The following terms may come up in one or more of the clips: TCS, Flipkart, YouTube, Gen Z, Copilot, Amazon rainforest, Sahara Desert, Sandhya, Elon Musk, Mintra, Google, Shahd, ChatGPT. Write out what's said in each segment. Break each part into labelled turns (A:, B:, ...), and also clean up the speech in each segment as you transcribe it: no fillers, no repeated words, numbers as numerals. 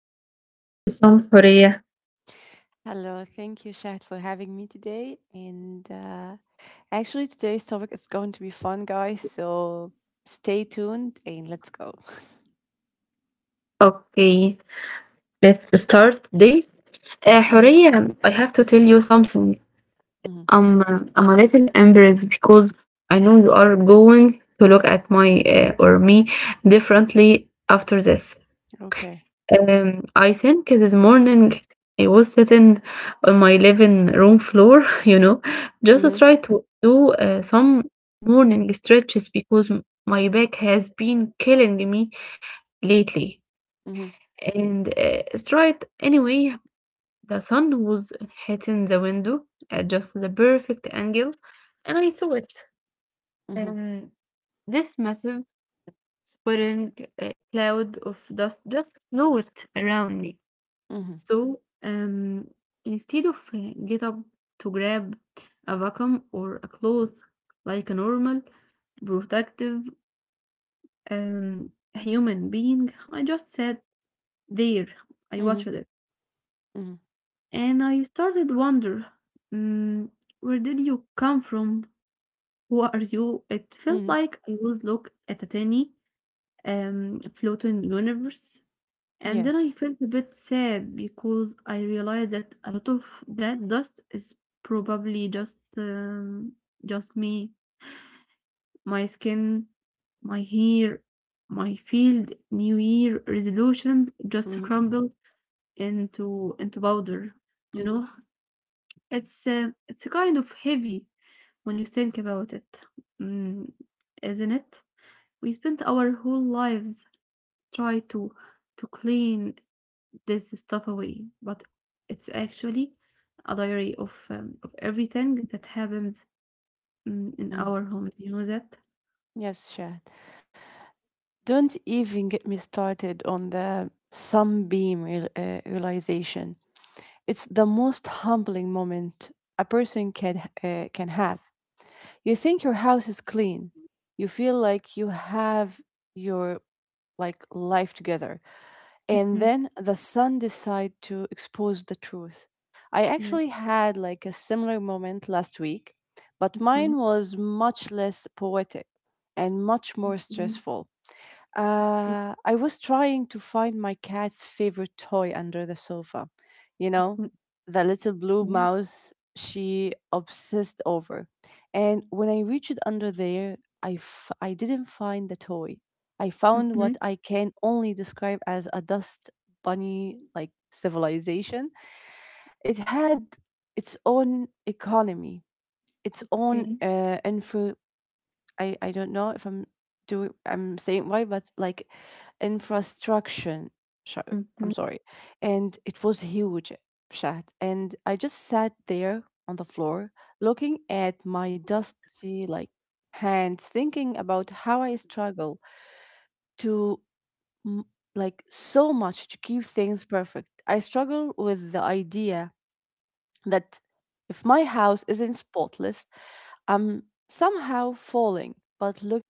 A: Horia. Welcome Horia.
B: Hello, thank you, Shahd, for having me today. And actually, today's topic is going to be fun, guys. So stay tuned and let's go.
A: Okay, let's start today.
B: Hmm.
A: Horia, I have to tell you something.
B: Hmm.
A: I'm a little embarrassed because I know you are going to look at my or me differently after this.
B: Okay.
A: I think this morning I was sitting on my living room floor, you know, just to
B: Hmm.
A: try to do some morning stretches because my back has been killing me lately.
B: Hmm.
A: And it's right anyway, the sun was hitting the window at just the perfect angle, and I saw it.
B: Hmm.
A: Um, this massive swirling cloud of dust just flowed around me.
B: Hmm.
A: So instead of get up to grab a vacuum or a cloth like a normal, productive um, human being, I just sat there. I
B: Hmm.
A: watched it.
B: Hmm.
A: And I started wonder, mm, where did you come from? Who are you? It felt
B: Hmm.
A: like I was look at a tiny floating universe. And then I
B: Yes.
A: felt a bit sad because I realized that a lot of that dust is probably just me, my skin, my hair, my field, New Year resolutions just
B: Hmm.
A: crumbled into powder. You know,
B: Hmm.
A: it's kind of heavy when you think about it, mm, isn't it? We spent our whole lives try to clean this stuff away, but it's actually a diary of everything that happens, in
B: Hmm.
A: our homes. You know that?
B: Yes, Shahd. Don't even get me started on the sunbeam realization. It's the most humbling moment a person can have. You think your house is clean. You feel like you have your like life together. And
A: Mhm.
B: then the sun decide to expose the truth. I
A: Yes.
B: actually had like a similar moment last week, but
A: Mhm.
B: mine was much less poetic and much more
A: Mhm.
B: stressful.
A: Okay.
B: I was trying to find my cat's favorite toy under the sofa, you know,
A: Mm.
B: the little blue
A: Yes.
B: mouse she obsessed over. And when I reached under there, I didn't find the toy. I found
A: Mhm.
B: what I can only describe as a dust bunny like civilization. It had its own economy, its own
A: Okay.
B: infra. I don't know if I'm saying right, but like infrastructure show. I'm
A: Mhm.
B: sorry, and it was huge chat, and I just sat there on the floor looking at my dusty like hands, thinking about how I struggle to m- like so much to keep things perfect. I struggle with the idea that if my house isn't spotless, I'm somehow falling. But looking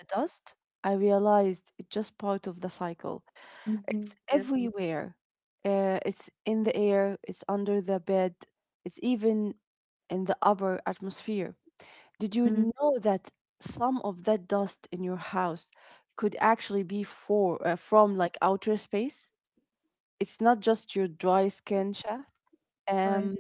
B: at the dust, I realized it's just part of the cycle. It's
A: Mhm. Yes.
B: everywhere. It's in the air, it's under the bed, it's even in the upper atmosphere. Did you
A: Mhm.
B: know that some of that dust in your house could actually be from like outer space? It's not just your dry skin, Shah. Um,
A: Right.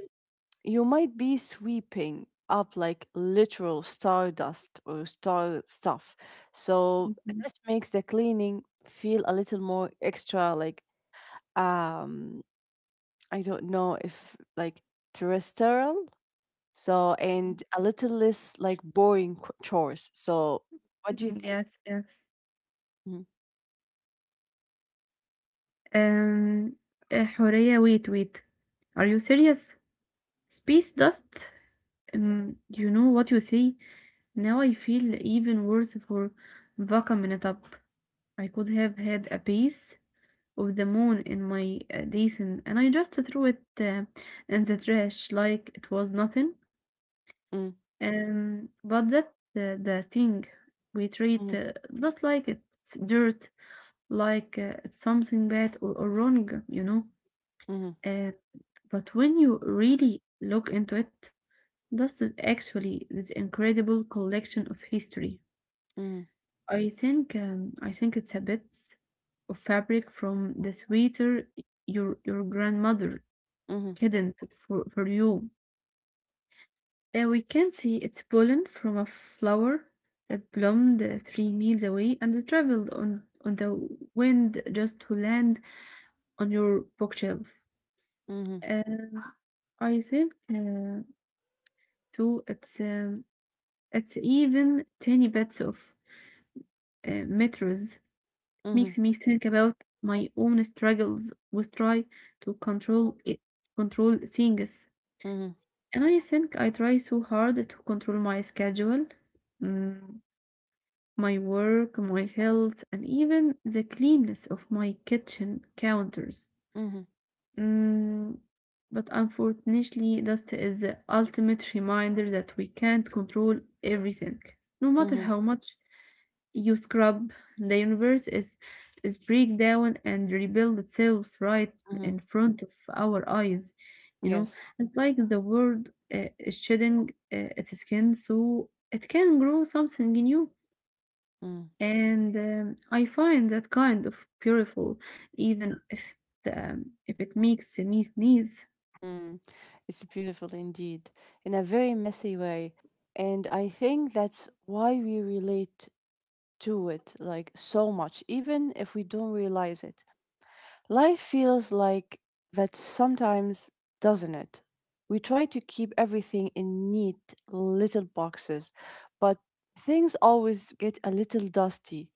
B: you might be sweeping up like literal stardust or star stuff. So
A: Mhm.
B: this makes the cleaning feel a little more extra, like, um, I don't know if like terrestrial. So, and a little less like boring chores. So, what do you
A: Mhm.
B: think?
A: Yes. Yes.
B: Mhm.
A: Um. Horea, wait. Are you serious? Space dust? You know what you say? Now I feel even worse for Vaka Minutup. I could have had a piece of the moon in my basin, and I just threw it in the trash like it was nothing.
B: Mm,
A: But that the thing we
B: mhm,
A: treat just like it's dirt, like it's something bad or wrong, you know.
B: mhm,
A: Uh, but when you really look into it, dust is actually this incredible collection of history.
B: mhm,
A: I think it's a bit of fabric from the sweater your grandmother
B: mhm,
A: hidden for you. We can see its pollen from a flower that bloomed 3 miles away and traveled on the wind just to land on your bookshelf.
B: mhm.
A: Um, I think too it's even tiny bits of metals
B: Mhm,
A: makes me think about my own struggles with try to control control things.
B: mhm,
A: And I think I try so hard to control my schedule, mm, my work, my health, and even the cleanness of my kitchen counters.
B: mhm,
A: Mm, but unfortunately, dust is the ultimate reminder that we can't control everything, no matter
B: mhm,
A: how much you scrub. The universe is break down and rebuild itself right
B: mhm.
A: in front of our eyes. You know,
B: Yes.
A: it's like the world is shedding its skin so it can grow something new.
B: Mm.
A: And I find that kind of beautiful, even if if it makes me sneeze.
B: Hmm. It's beautiful indeed, in a very messy way. And I think that's why we relate to it like so much, even if we don't realize it. Life feels like that sometimes, doesn't it? We try to keep everything in neat little boxes, but things always get a little dusty.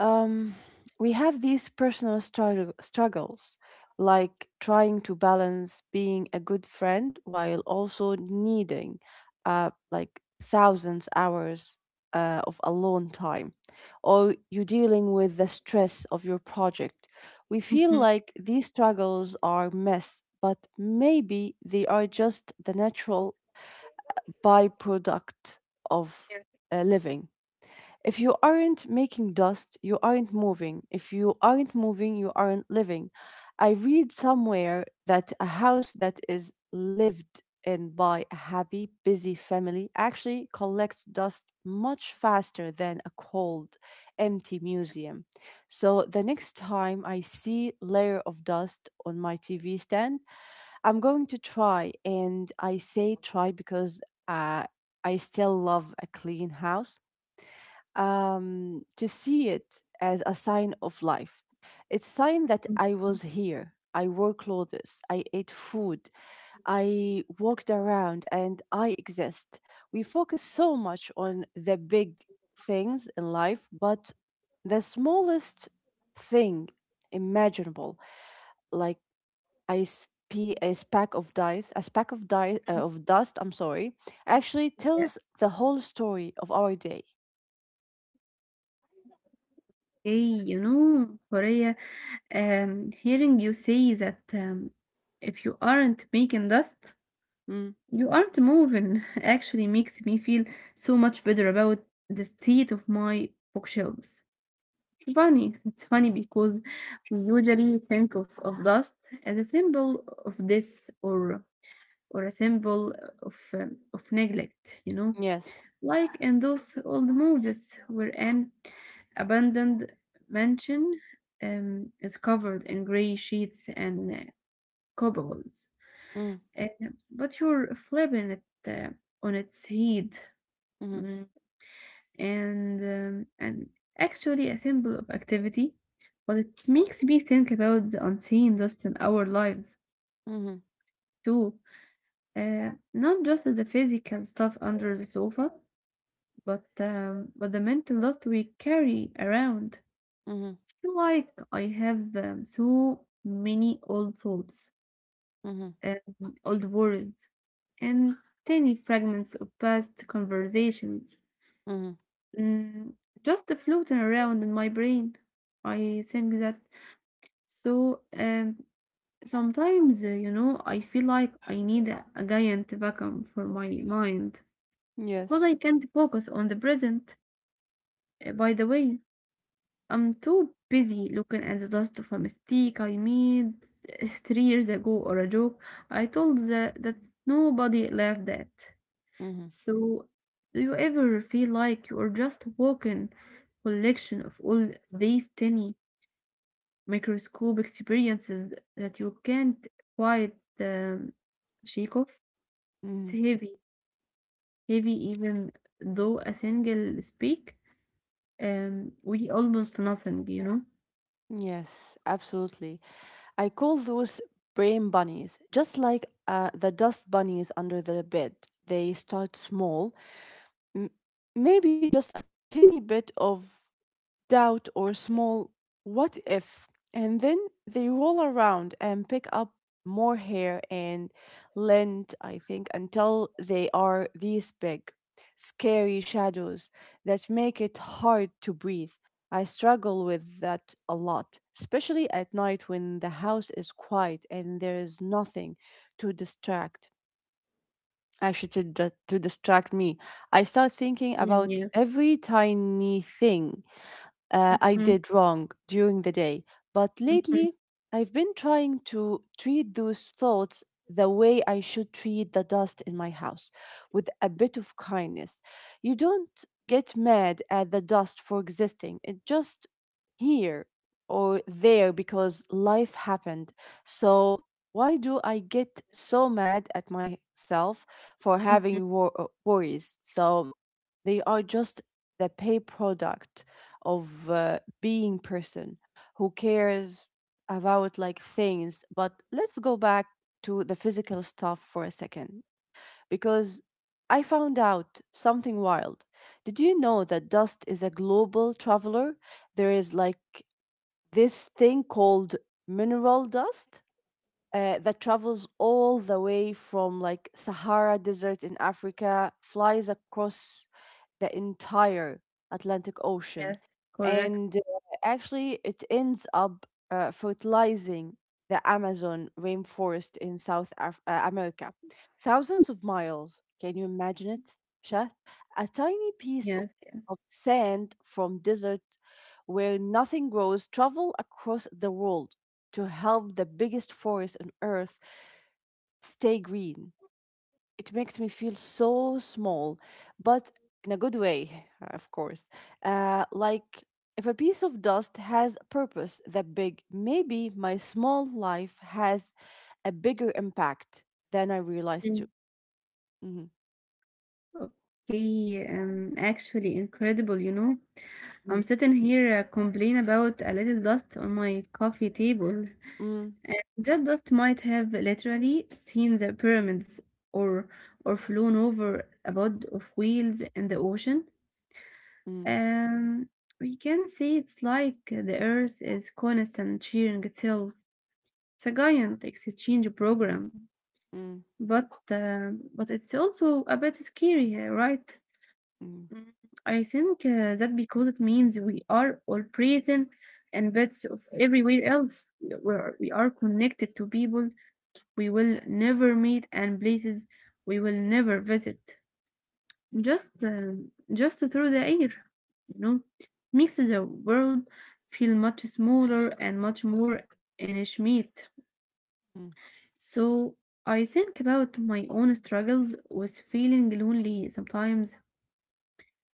B: um, we have these struggles, like trying to balance being a good friend while also needing like thousands hours of alone time, or you dealing with the stress of your project. We feel
A: Mhm.
B: like these struggles are mess, but maybe they are just the natural byproduct of
A: Yeah.
B: living. If you aren't making dust, you aren't moving. If you aren't moving, you aren't living. I read somewhere that a house that is lived in by a happy, busy family actually collects dust much faster than a cold, empty museum. So the next time I see layer of dust on my TV stand, I'm going to try and I say try because uh, I still love a clean house, to see it as a sign of life. It's sign that
A: Mm,
B: I
A: mm,
B: was here. I wore clothes. I ate food. I walked around, and I exist. We focus so much on the big things in life, but the smallest thing imaginable, like I. spe- a speck of dice,
A: mm.
B: of dust. I'm sorry, actually
A: Yeah.
B: tells the whole story of our day.
A: Hey, you know, Horea, hearing you say that if you aren't making dust,
B: Mm,
A: you aren't moving actually makes me feel so much better about the state of my bookshelves. It's funny. It's funny because we usually think of dust as a symbol of death or a symbol of neglect, you know,
B: yes.
A: like in those old movies where an abandoned mansion is covered in gray sheets and cobwebs.
B: Mm.
A: Uh, but you're flipping it on its head,
B: Mm-hmm.
A: Mm, and actually a symbol of activity. But it makes me think about the unseen dust in our lives
B: Mm-hmm.
A: too, not just the physical stuff under the sofa, but the mental dust we carry around.
B: Mm-hmm.
A: Feel like I have so many old thoughts,
B: Mm-hmm.
A: old words, and tiny fragments of past conversations,
B: Mm-hmm.
A: mm, just floating around in my brain. I think that so sometimes, you know, I feel like I need a giant vacuum for my mind because
B: Yes.
A: I can't focus on the present, by the way. I'm too busy looking at the dust of a mistake I made 3 years ago or a joke I told that nobody laughed at.
B: Mm-hmm.
A: So, do you ever feel like you're just walking collection of all these tiny microscope experiences that you can't quite shake off? It's
B: Mm-hmm.
A: heavy, heavy even though a single speak we almost nothing, you know?
B: Yes, absolutely. I call those brain bunnies, just like the dust bunnies under the bed. They start small, m- maybe just a tiny bit of doubt, or small what if. And then they roll around and pick up more hair and lint, I think, until they are these big, scary shadows that make it hard to breathe. I struggle with that a lot, especially at night when the house is quiet and there is nothing to distract. Actually, to distract me, I start thinking
A: Mm,
B: about
A: yes.
B: every tiny thing I
A: Mm,
B: did wrong during the day. But
A: mhm.
B: lately, I've been trying to treat those thoughts the way I should treat the dust in my house with a bit of kindness. You don't get mad at the dust for existing, it just here or there because life happened. So, why do I get so mad at myself for
A: Mhm.
B: having worries? So, they are just the pay product of being person who cares about like things. But let's go back to the physical stuff for a second because I found out something wild. Did you know that dust is a global traveler? There is like this thing called mineral dust that travels all the way from like Sahara Desert in Africa, flies across the entire Atlantic Ocean,
A: Yes, correct.
B: and actually it ends up fertilizing the Amazon rainforest in America. Thousands of miles. Can you imagine it, Shat? A tiny piece of
A: Yes, yes.
B: sand from desert where nothing grows travel across the world to help the biggest forest on earth stay green. It makes me feel so small, but in a good way, of course. Like if a piece of dust has a purpose that big, maybe my small life has a bigger impact than I realized
A: Mm.
B: too. Mhm.
A: Okay, actually incredible, you know. I'm
B: Mm,
A: sitting here complaining about a little dust on my coffee table.
B: mm,
A: That dust might have literally seen the pyramids or or flown over a pod of whales in the ocean.
B: mm,
A: Um, we can say it's like the Earth is constant cheering itself. It's a giant exchange program,
B: mm,
A: but it's also a bit scary, right?
B: mm,
A: Mm, I think that because it means we are all breathing and bits of everywhere else. We are connected to people we will never meet and places we will never visit. Just, uh, just through the air, you know, makes the world feel much smaller and much more intimate.
B: mm,
A: So I think about my own struggles with feeling lonely sometimes.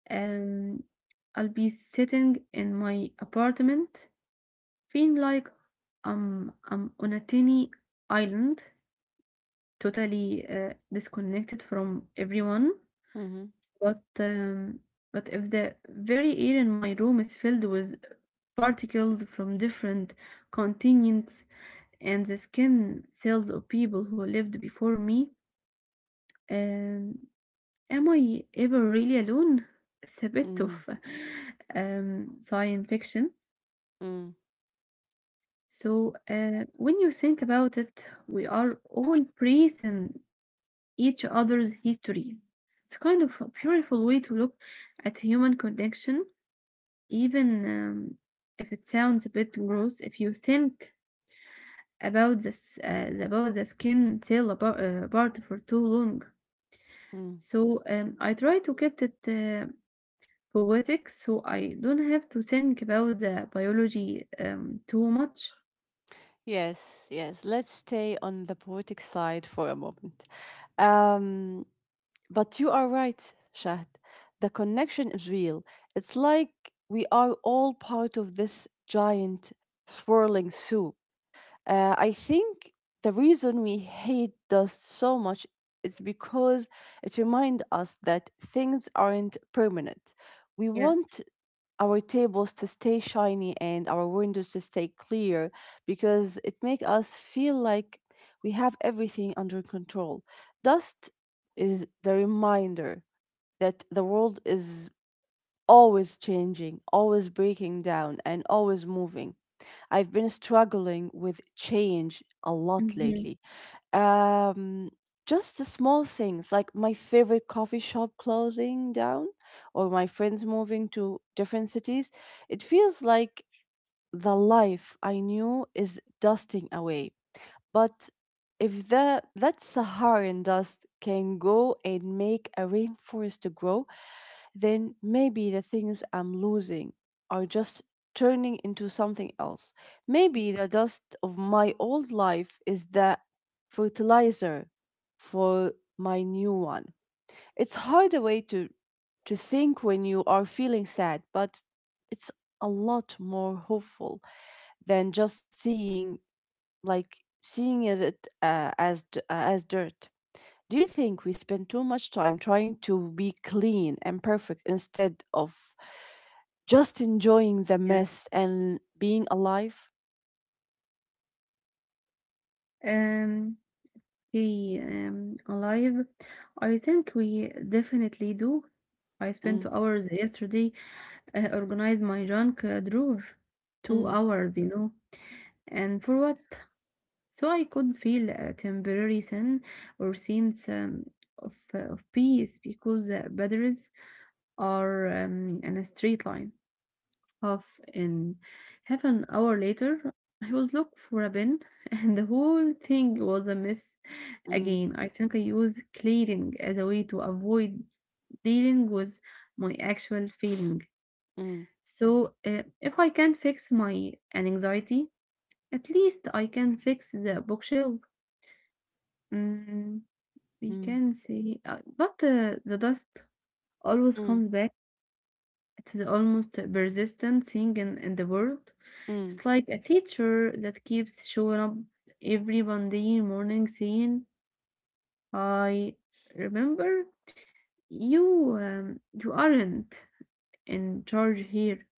A: Um, I'll be sitting in my apartment, feeling like I'm on a tiny island, totally disconnected from everyone.
B: mhm,
A: But um, but if the very air in my room is filled with particles from different continents and the skin cells of people who lived before me, um, am I ever really alone? It's a bit of
B: mm,
A: science fiction.
B: mm,
A: So when you think about it, we are all breathing each other's history. It's kind of a beautiful way to look at human connection even if it sounds a bit gross, if you think about this about the skin cell about, part for too long.
B: mm.
A: So I try to keep it poetic, so I don't have to think about the biology too much.
B: Yes, yes. Let's stay on the poetic side for a moment. Um, but you are right, Shahd. The connection is real. It's like we are all part of this giant swirling soup. I think the reason we hate dust so much is because it reminds us that things aren't permanent. We
A: Yes.
B: want our tables to stay shiny and our windows to stay clear because it make us feel like we have everything under control. Dust is the reminder that the world is always changing, always breaking down and always moving. I've been struggling with change a lot
A: Mm-hmm.
B: lately, um just the small things like my favorite coffee shop closing down or my friends moving to different cities. It feels like the life I knew is dusting away. But if the that Saharan dust can go and make a rainforest to grow, then maybe the things I'm losing are just turning into something else. Maybe the dust of my old life is the fertilizer for my new one. It's hard a way to think when you are feeling sad, but it's a lot more hopeful than just seeing it, as dirt. Do you think we spend too much time trying to be clean and perfect instead of just enjoying the
A: Yes.
B: mess and being alive?
A: Um, okay. Alive. I think we definitely do. I spent two
B: Mm,
A: hours yesterday organized my junk drawer. Two
B: mm,
A: hours, you know. And for what? So I could feel a temporary sense of peace because batteries are in a straight line. Half in half an hour later, I was looking for a bin, and the whole thing was a mess
B: mm,
A: again. I think I used clearing as a way to avoid dealing with my actual feeling.
B: mm,
A: So if I can't fix my anxiety, at least I can fix the bookshelf. Mm, we
B: mm,
A: can say, but the dust always
B: mm,
A: comes back. It's the almost persistent thing in the world. It's
B: mm,
A: like a teacher that keeps showing up every Monday morning saying, I remember you, you aren't in charge here.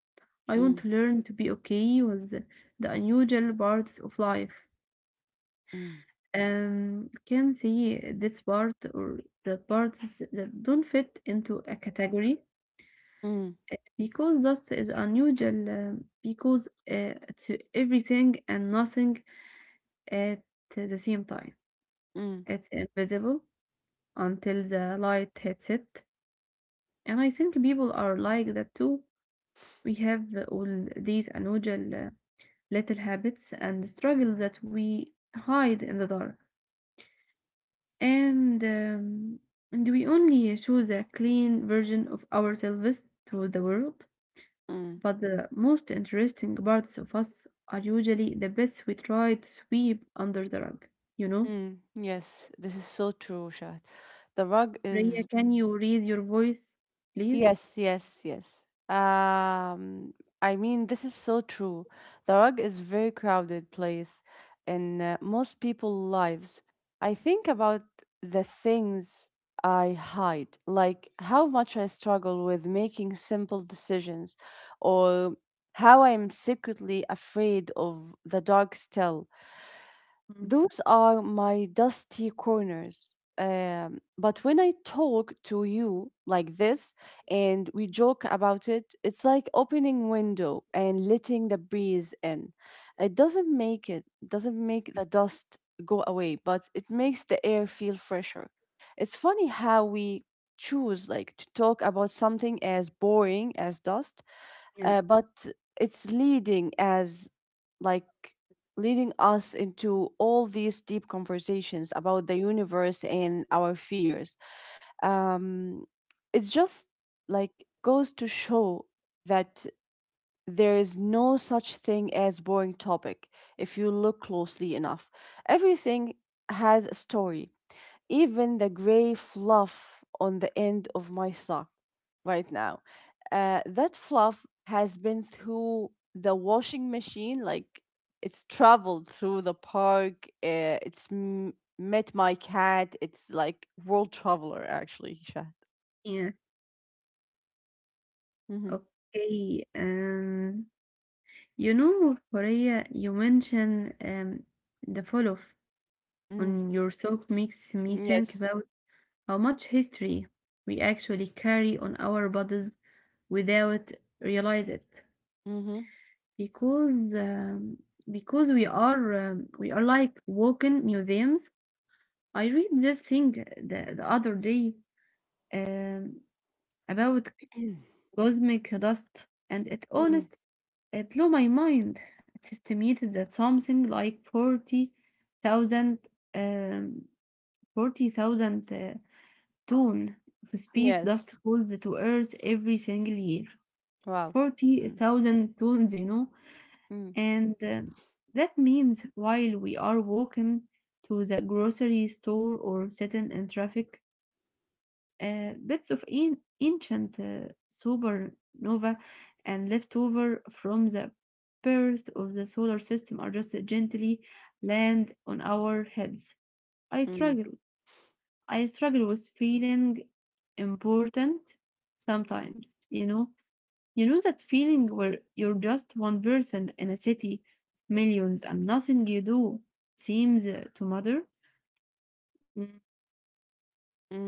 A: I want
B: mm,
A: to learn to be okay with the unusual parts of life.
B: mm,
A: Um, can see this part or the parts that don't fit into a category
B: mm,
A: because this is unusual because it's everything and nothing at the same time.
B: mm,
A: It's invisible until the light hits it. And I think people are like that too. We have all these unusual little habits and struggles that we hide in the dark. And and we only show the clean version of ourselves to the world,
B: mm,
A: but the most interesting parts of us are usually the bits we try to sweep under the rug, you know.
B: mm. Yes, this is so true, Shad. The rug
A: Rhea,
B: is.
A: can you raise your voice please?
B: Yes, yes, yes. I mean, this is so true. The rug is very crowded place in most people's lives. I think about the things I hide, like how much I struggle with making simple decisions, or how I am secretly afraid of the dark still.
A: Mm,
B: Those are my dusty corners. But when I talk to you like this and we joke about it, it's like opening window and letting the breeze in. It doesn't make the dust go away, but it makes the air feel fresher. It's funny how we choose like to talk about something as boring as dust,
A: yes,
B: but it's leading as like leading us into all these deep conversations about the universe and our fears. um it's just like goes to show that there is no such thing as boring topic if you look closely enough. Everything has a story, even the gray fluff on the end of my sock right now. That fluff has been through the washing machine, like it's traveled through the park. It's met my cat. It's like world traveler, actually, Shad.
A: yes.
B: Hmm.
A: Okay. You know Rhea, you mentioned the fall off on
B: Mm.
A: your sock makes me think
B: Yes.
A: about how much history we actually carry on our bodies without realize it
B: Hmm.
A: because um, because we are we are like walking museums. I read this thing the other day um, about
B: Hmm.
A: cosmic dust and it honest it blew my mind. It's estimated that something like 40,000 um, 40,000 ton of space
B: Yes.
A: dust falls to Earth every single year.
B: Wow. Mm.
A: 40,000 tons, you know?
B: Mm.
A: And that means while we are walking to the grocery store or sitting in traffic, bits of ancient supernova and leftover from the burst of the solar system are just gently land on our heads. I struggle. I struggle with feeling important sometimes, you know? You know that feeling where you're just one person in a city, millions, and nothing you do seems to matter? Mm.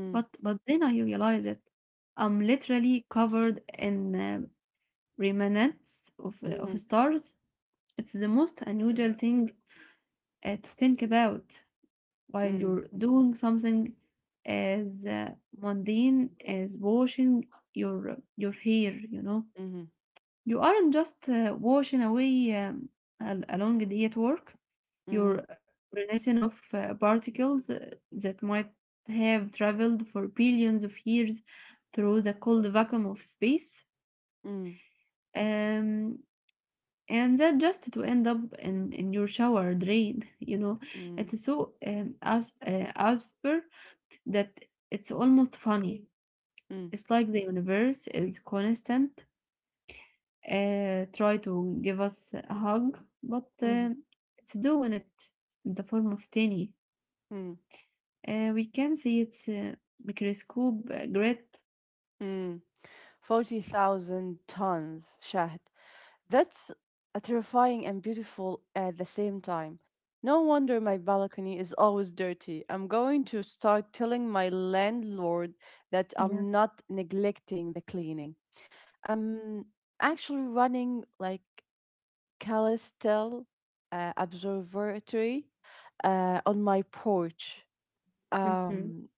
A: But then I realize that I'm literally covered in remnants of
B: Mm.
A: stars. It's the most unusual thing to think about while
B: Mm.
A: you're doing something as mundane as washing your hair.
B: Mm.
A: You aren't just washing away a long day at work.
B: Mm. Mm.
A: You're rinsing off particles that might have traveled for billions of years through the cold vacuum of space,
B: Mm.
A: um, and that just to end up in your shower drain.
B: Mm.
A: It's so absurd that it's almost funny.
B: Mm.
A: It's like the universe is constant, try to give us a hug, but
B: Mm.
A: it's doing it in the form of tiny.
B: Mm.
A: We can see its microscope grit.
B: Mm, 40,000 tons, Shahd. That's a terrifying and beautiful at the same time. No wonder my balcony is always dirty. I'm going to start telling my landlord that I'm
A: Yes.
B: not neglecting the cleaning. I'm actually running like Calistel Observatory on my porch.
A: Mhm.
B: Um,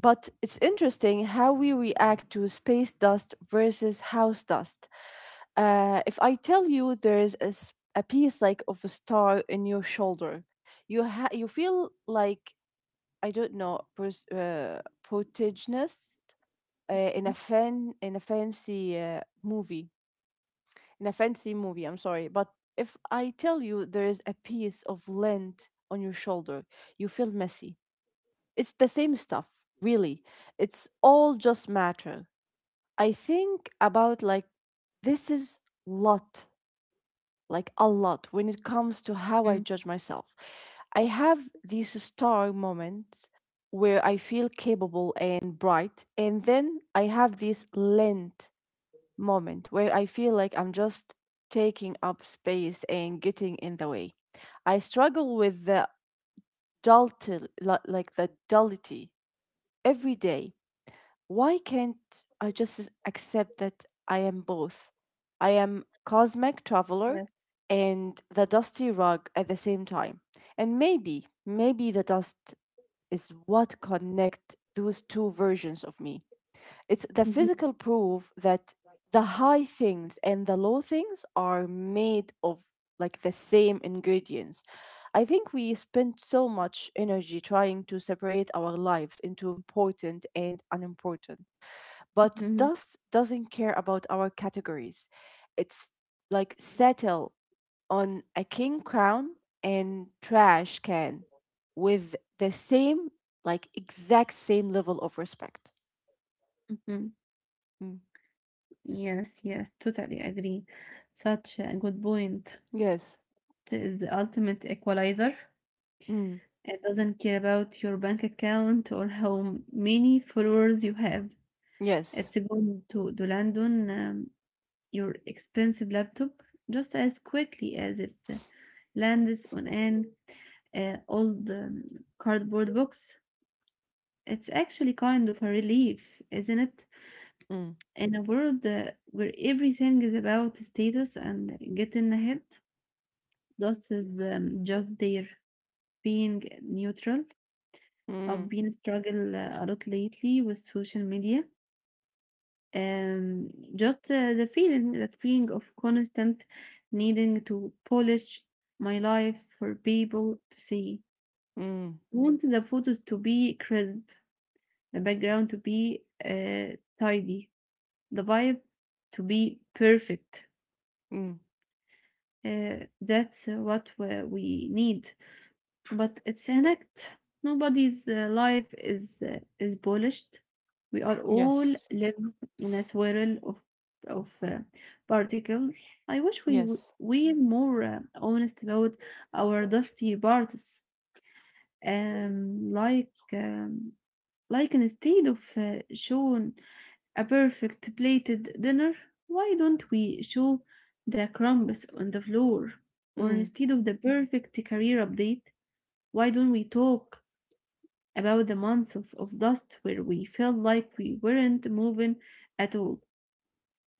B: but it's interesting how we react to space dust versus house dust. If I tell you there is a piece like of a star in your shoulder, you feel like I don't know, protagonist uh, in a
A: Mhm.
B: fan in a fancy uh, movie in a fancy movie. I'm sorry, but if I tell you there is a piece of lint on your shoulder, you feel messy, it's the same stuff, really. It's all just matter. I think about like this is lot, like a lot when it comes to how I
A: Mm.
B: judge myself. I have these star moments where I feel capable and bright, and then I have this lent moment where I feel like I'm just taking up space and getting in the way. I struggle with the dullity every day. Why can't I just accept that I am both? I am cosmic traveler
A: Yes.
B: and the dusty rug at the same time. And maybe the dust is what connect those two versions of me. It's the
A: Mhm.
B: physical proof that the high things and the low things are made of like the same ingredients. I think we spend so much energy trying to separate our lives into important and unimportant. But
A: Mhm.
B: dust doesn't care about our categories. It's like settle on a king crown and trash can with the same, like exact same level of respect.
A: Mhm.
B: Mm.
A: Yes, yes, totally agree. Such a good point.
B: Yes.
A: It is the ultimate equalizer.
B: Mm.
A: It doesn't care about your bank account or how many followers you have.
B: Yes.
A: It's going to land on your expensive laptop just as quickly as it lands on an old cardboard box. It's actually kind of a relief, isn't it?
B: Mm.
A: In a world where everything is about status and getting ahead, dust is just there, being neutral. I've
B: Mm.
A: been struggle a lot lately with social media. Um, just that feeling of constant needing to polish my life for people to see.
B: Mm.
A: I want the photos to be crisp, the background to be tidy, the vibe to be perfect.
B: Mm.
A: That's what we need. But it's an act. Nobody's life is polished. We are all
B: Yes.
A: living in a swirl of of uh, particles. I wish we w-
B: Yes.
A: we were more honest about our dusty parts. Um, like um, like instead of showing a perfect plated dinner, why don't we show the crumbs on the floor? Or
B: Mm.
A: instead of the perfect career update, why don't we talk about the months of dust where we felt like we weren't moving at all.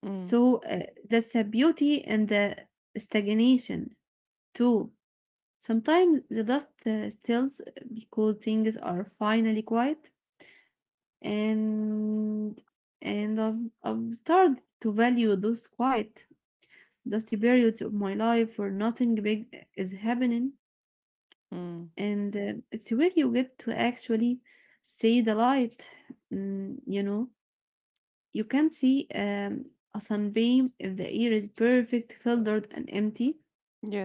B: Mm.
A: So that's a beauty and the stagnation too. Sometimes the dust stills because things are finally quiet, and I've started to value those quiet dusty periods of my life where nothing big is happening,
B: Mm.
A: and it's where you get to actually see the light, you know. You can see a sunbeam if the air is perfect, filtered, and empty.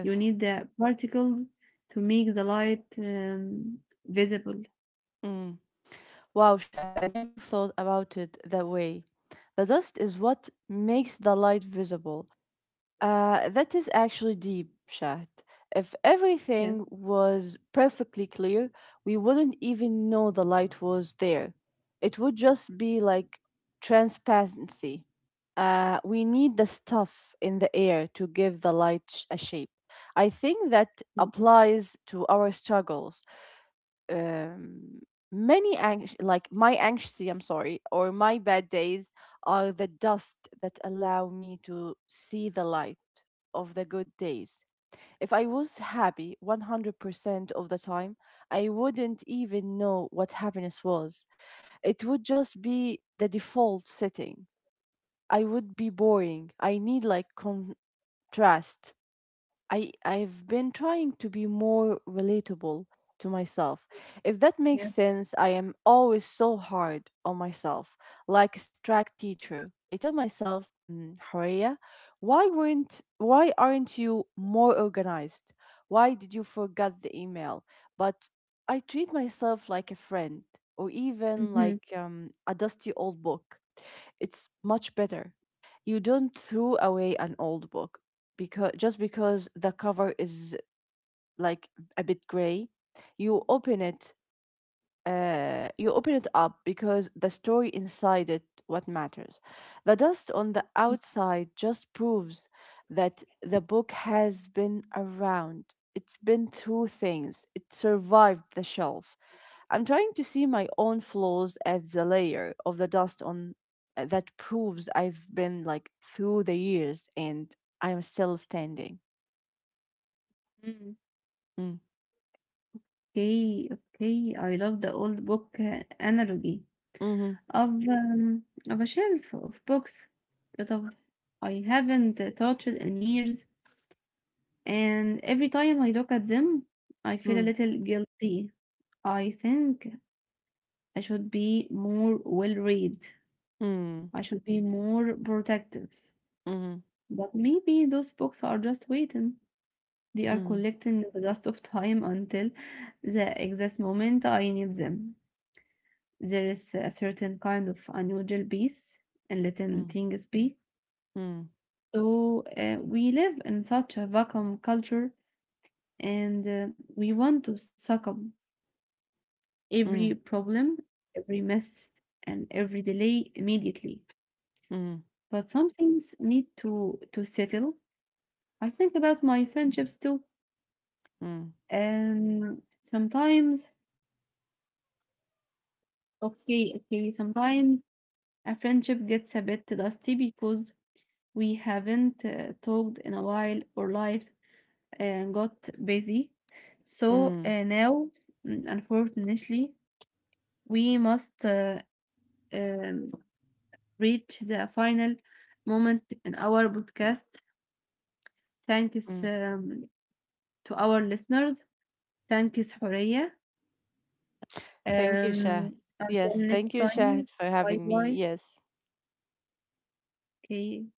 A: You need the particles to make the light visible.
B: Mm. Wow, Shad, I never thought about it that way. The dust is what makes the light visible. That is actually deep, Shahd. If
A: Yes.
B: everything was perfectly clear, we wouldn't even know the light was there. It would just be like transparency. We need the stuff in the air to give the light a shape. I think that
A: Yes.
B: applies to our struggles, um, like my anxiety, I'm sorry, or my bad days are the dust that allow me to see the light of the good days. If I was happy 100% of the time, I wouldn't even know what happiness was. It would just be the default setting. I would be boring. I need like contrast. I've been trying to be more relatable to myself. If that makes
A: Yeah.
B: sense, I am always so hard on myself, like a strict teacher. I tell myself, Horea, why aren't you more organized? Why did you forget the email? But I treat myself like a friend or even
A: Mhm.
B: like a dusty old book. It's much better. You don't throw away an old book because just because the cover is like a bit gray, you open it you open it up because the story inside it what matters. The dust on the outside just proves that the book has been around. It's been through things. It survived the shelf. I'm trying to see my own flaws as the layer of the dust on, that proves I've been like through the years and I'm still standing.
A: Mm.
B: Mm.
A: Okay, okay. I love the old book analogy
B: Mm-hmm.
A: of um, of a shelf of books that of I haven't touched in years, and every time I look at them, I feel a
B: Mm.
A: little guilty. I think I should be more well read.
B: Mm.
A: I should be more protective.
B: Mm.
A: But maybe those books are just waiting. They are
B: Mm.
A: collecting the dust of time until the exact moment I need them. There is a certain kind of unusual peace in letting
B: Mm.
A: things be.
B: Mm.
A: So we live in such a vacuum culture, and we want to suck up every problem, every mess, and every delay immediately. But some things need to settle. I think about my friendships too. And sometimes, okay, okay, sometimes a friendship gets a bit dusty because we haven't talked in a while, or life and got busy. So now, unfortunately, we must um, reach the final moment in our podcast. Thanks to our listeners. Thanks, Horea. Until next time, bye bye. Okay,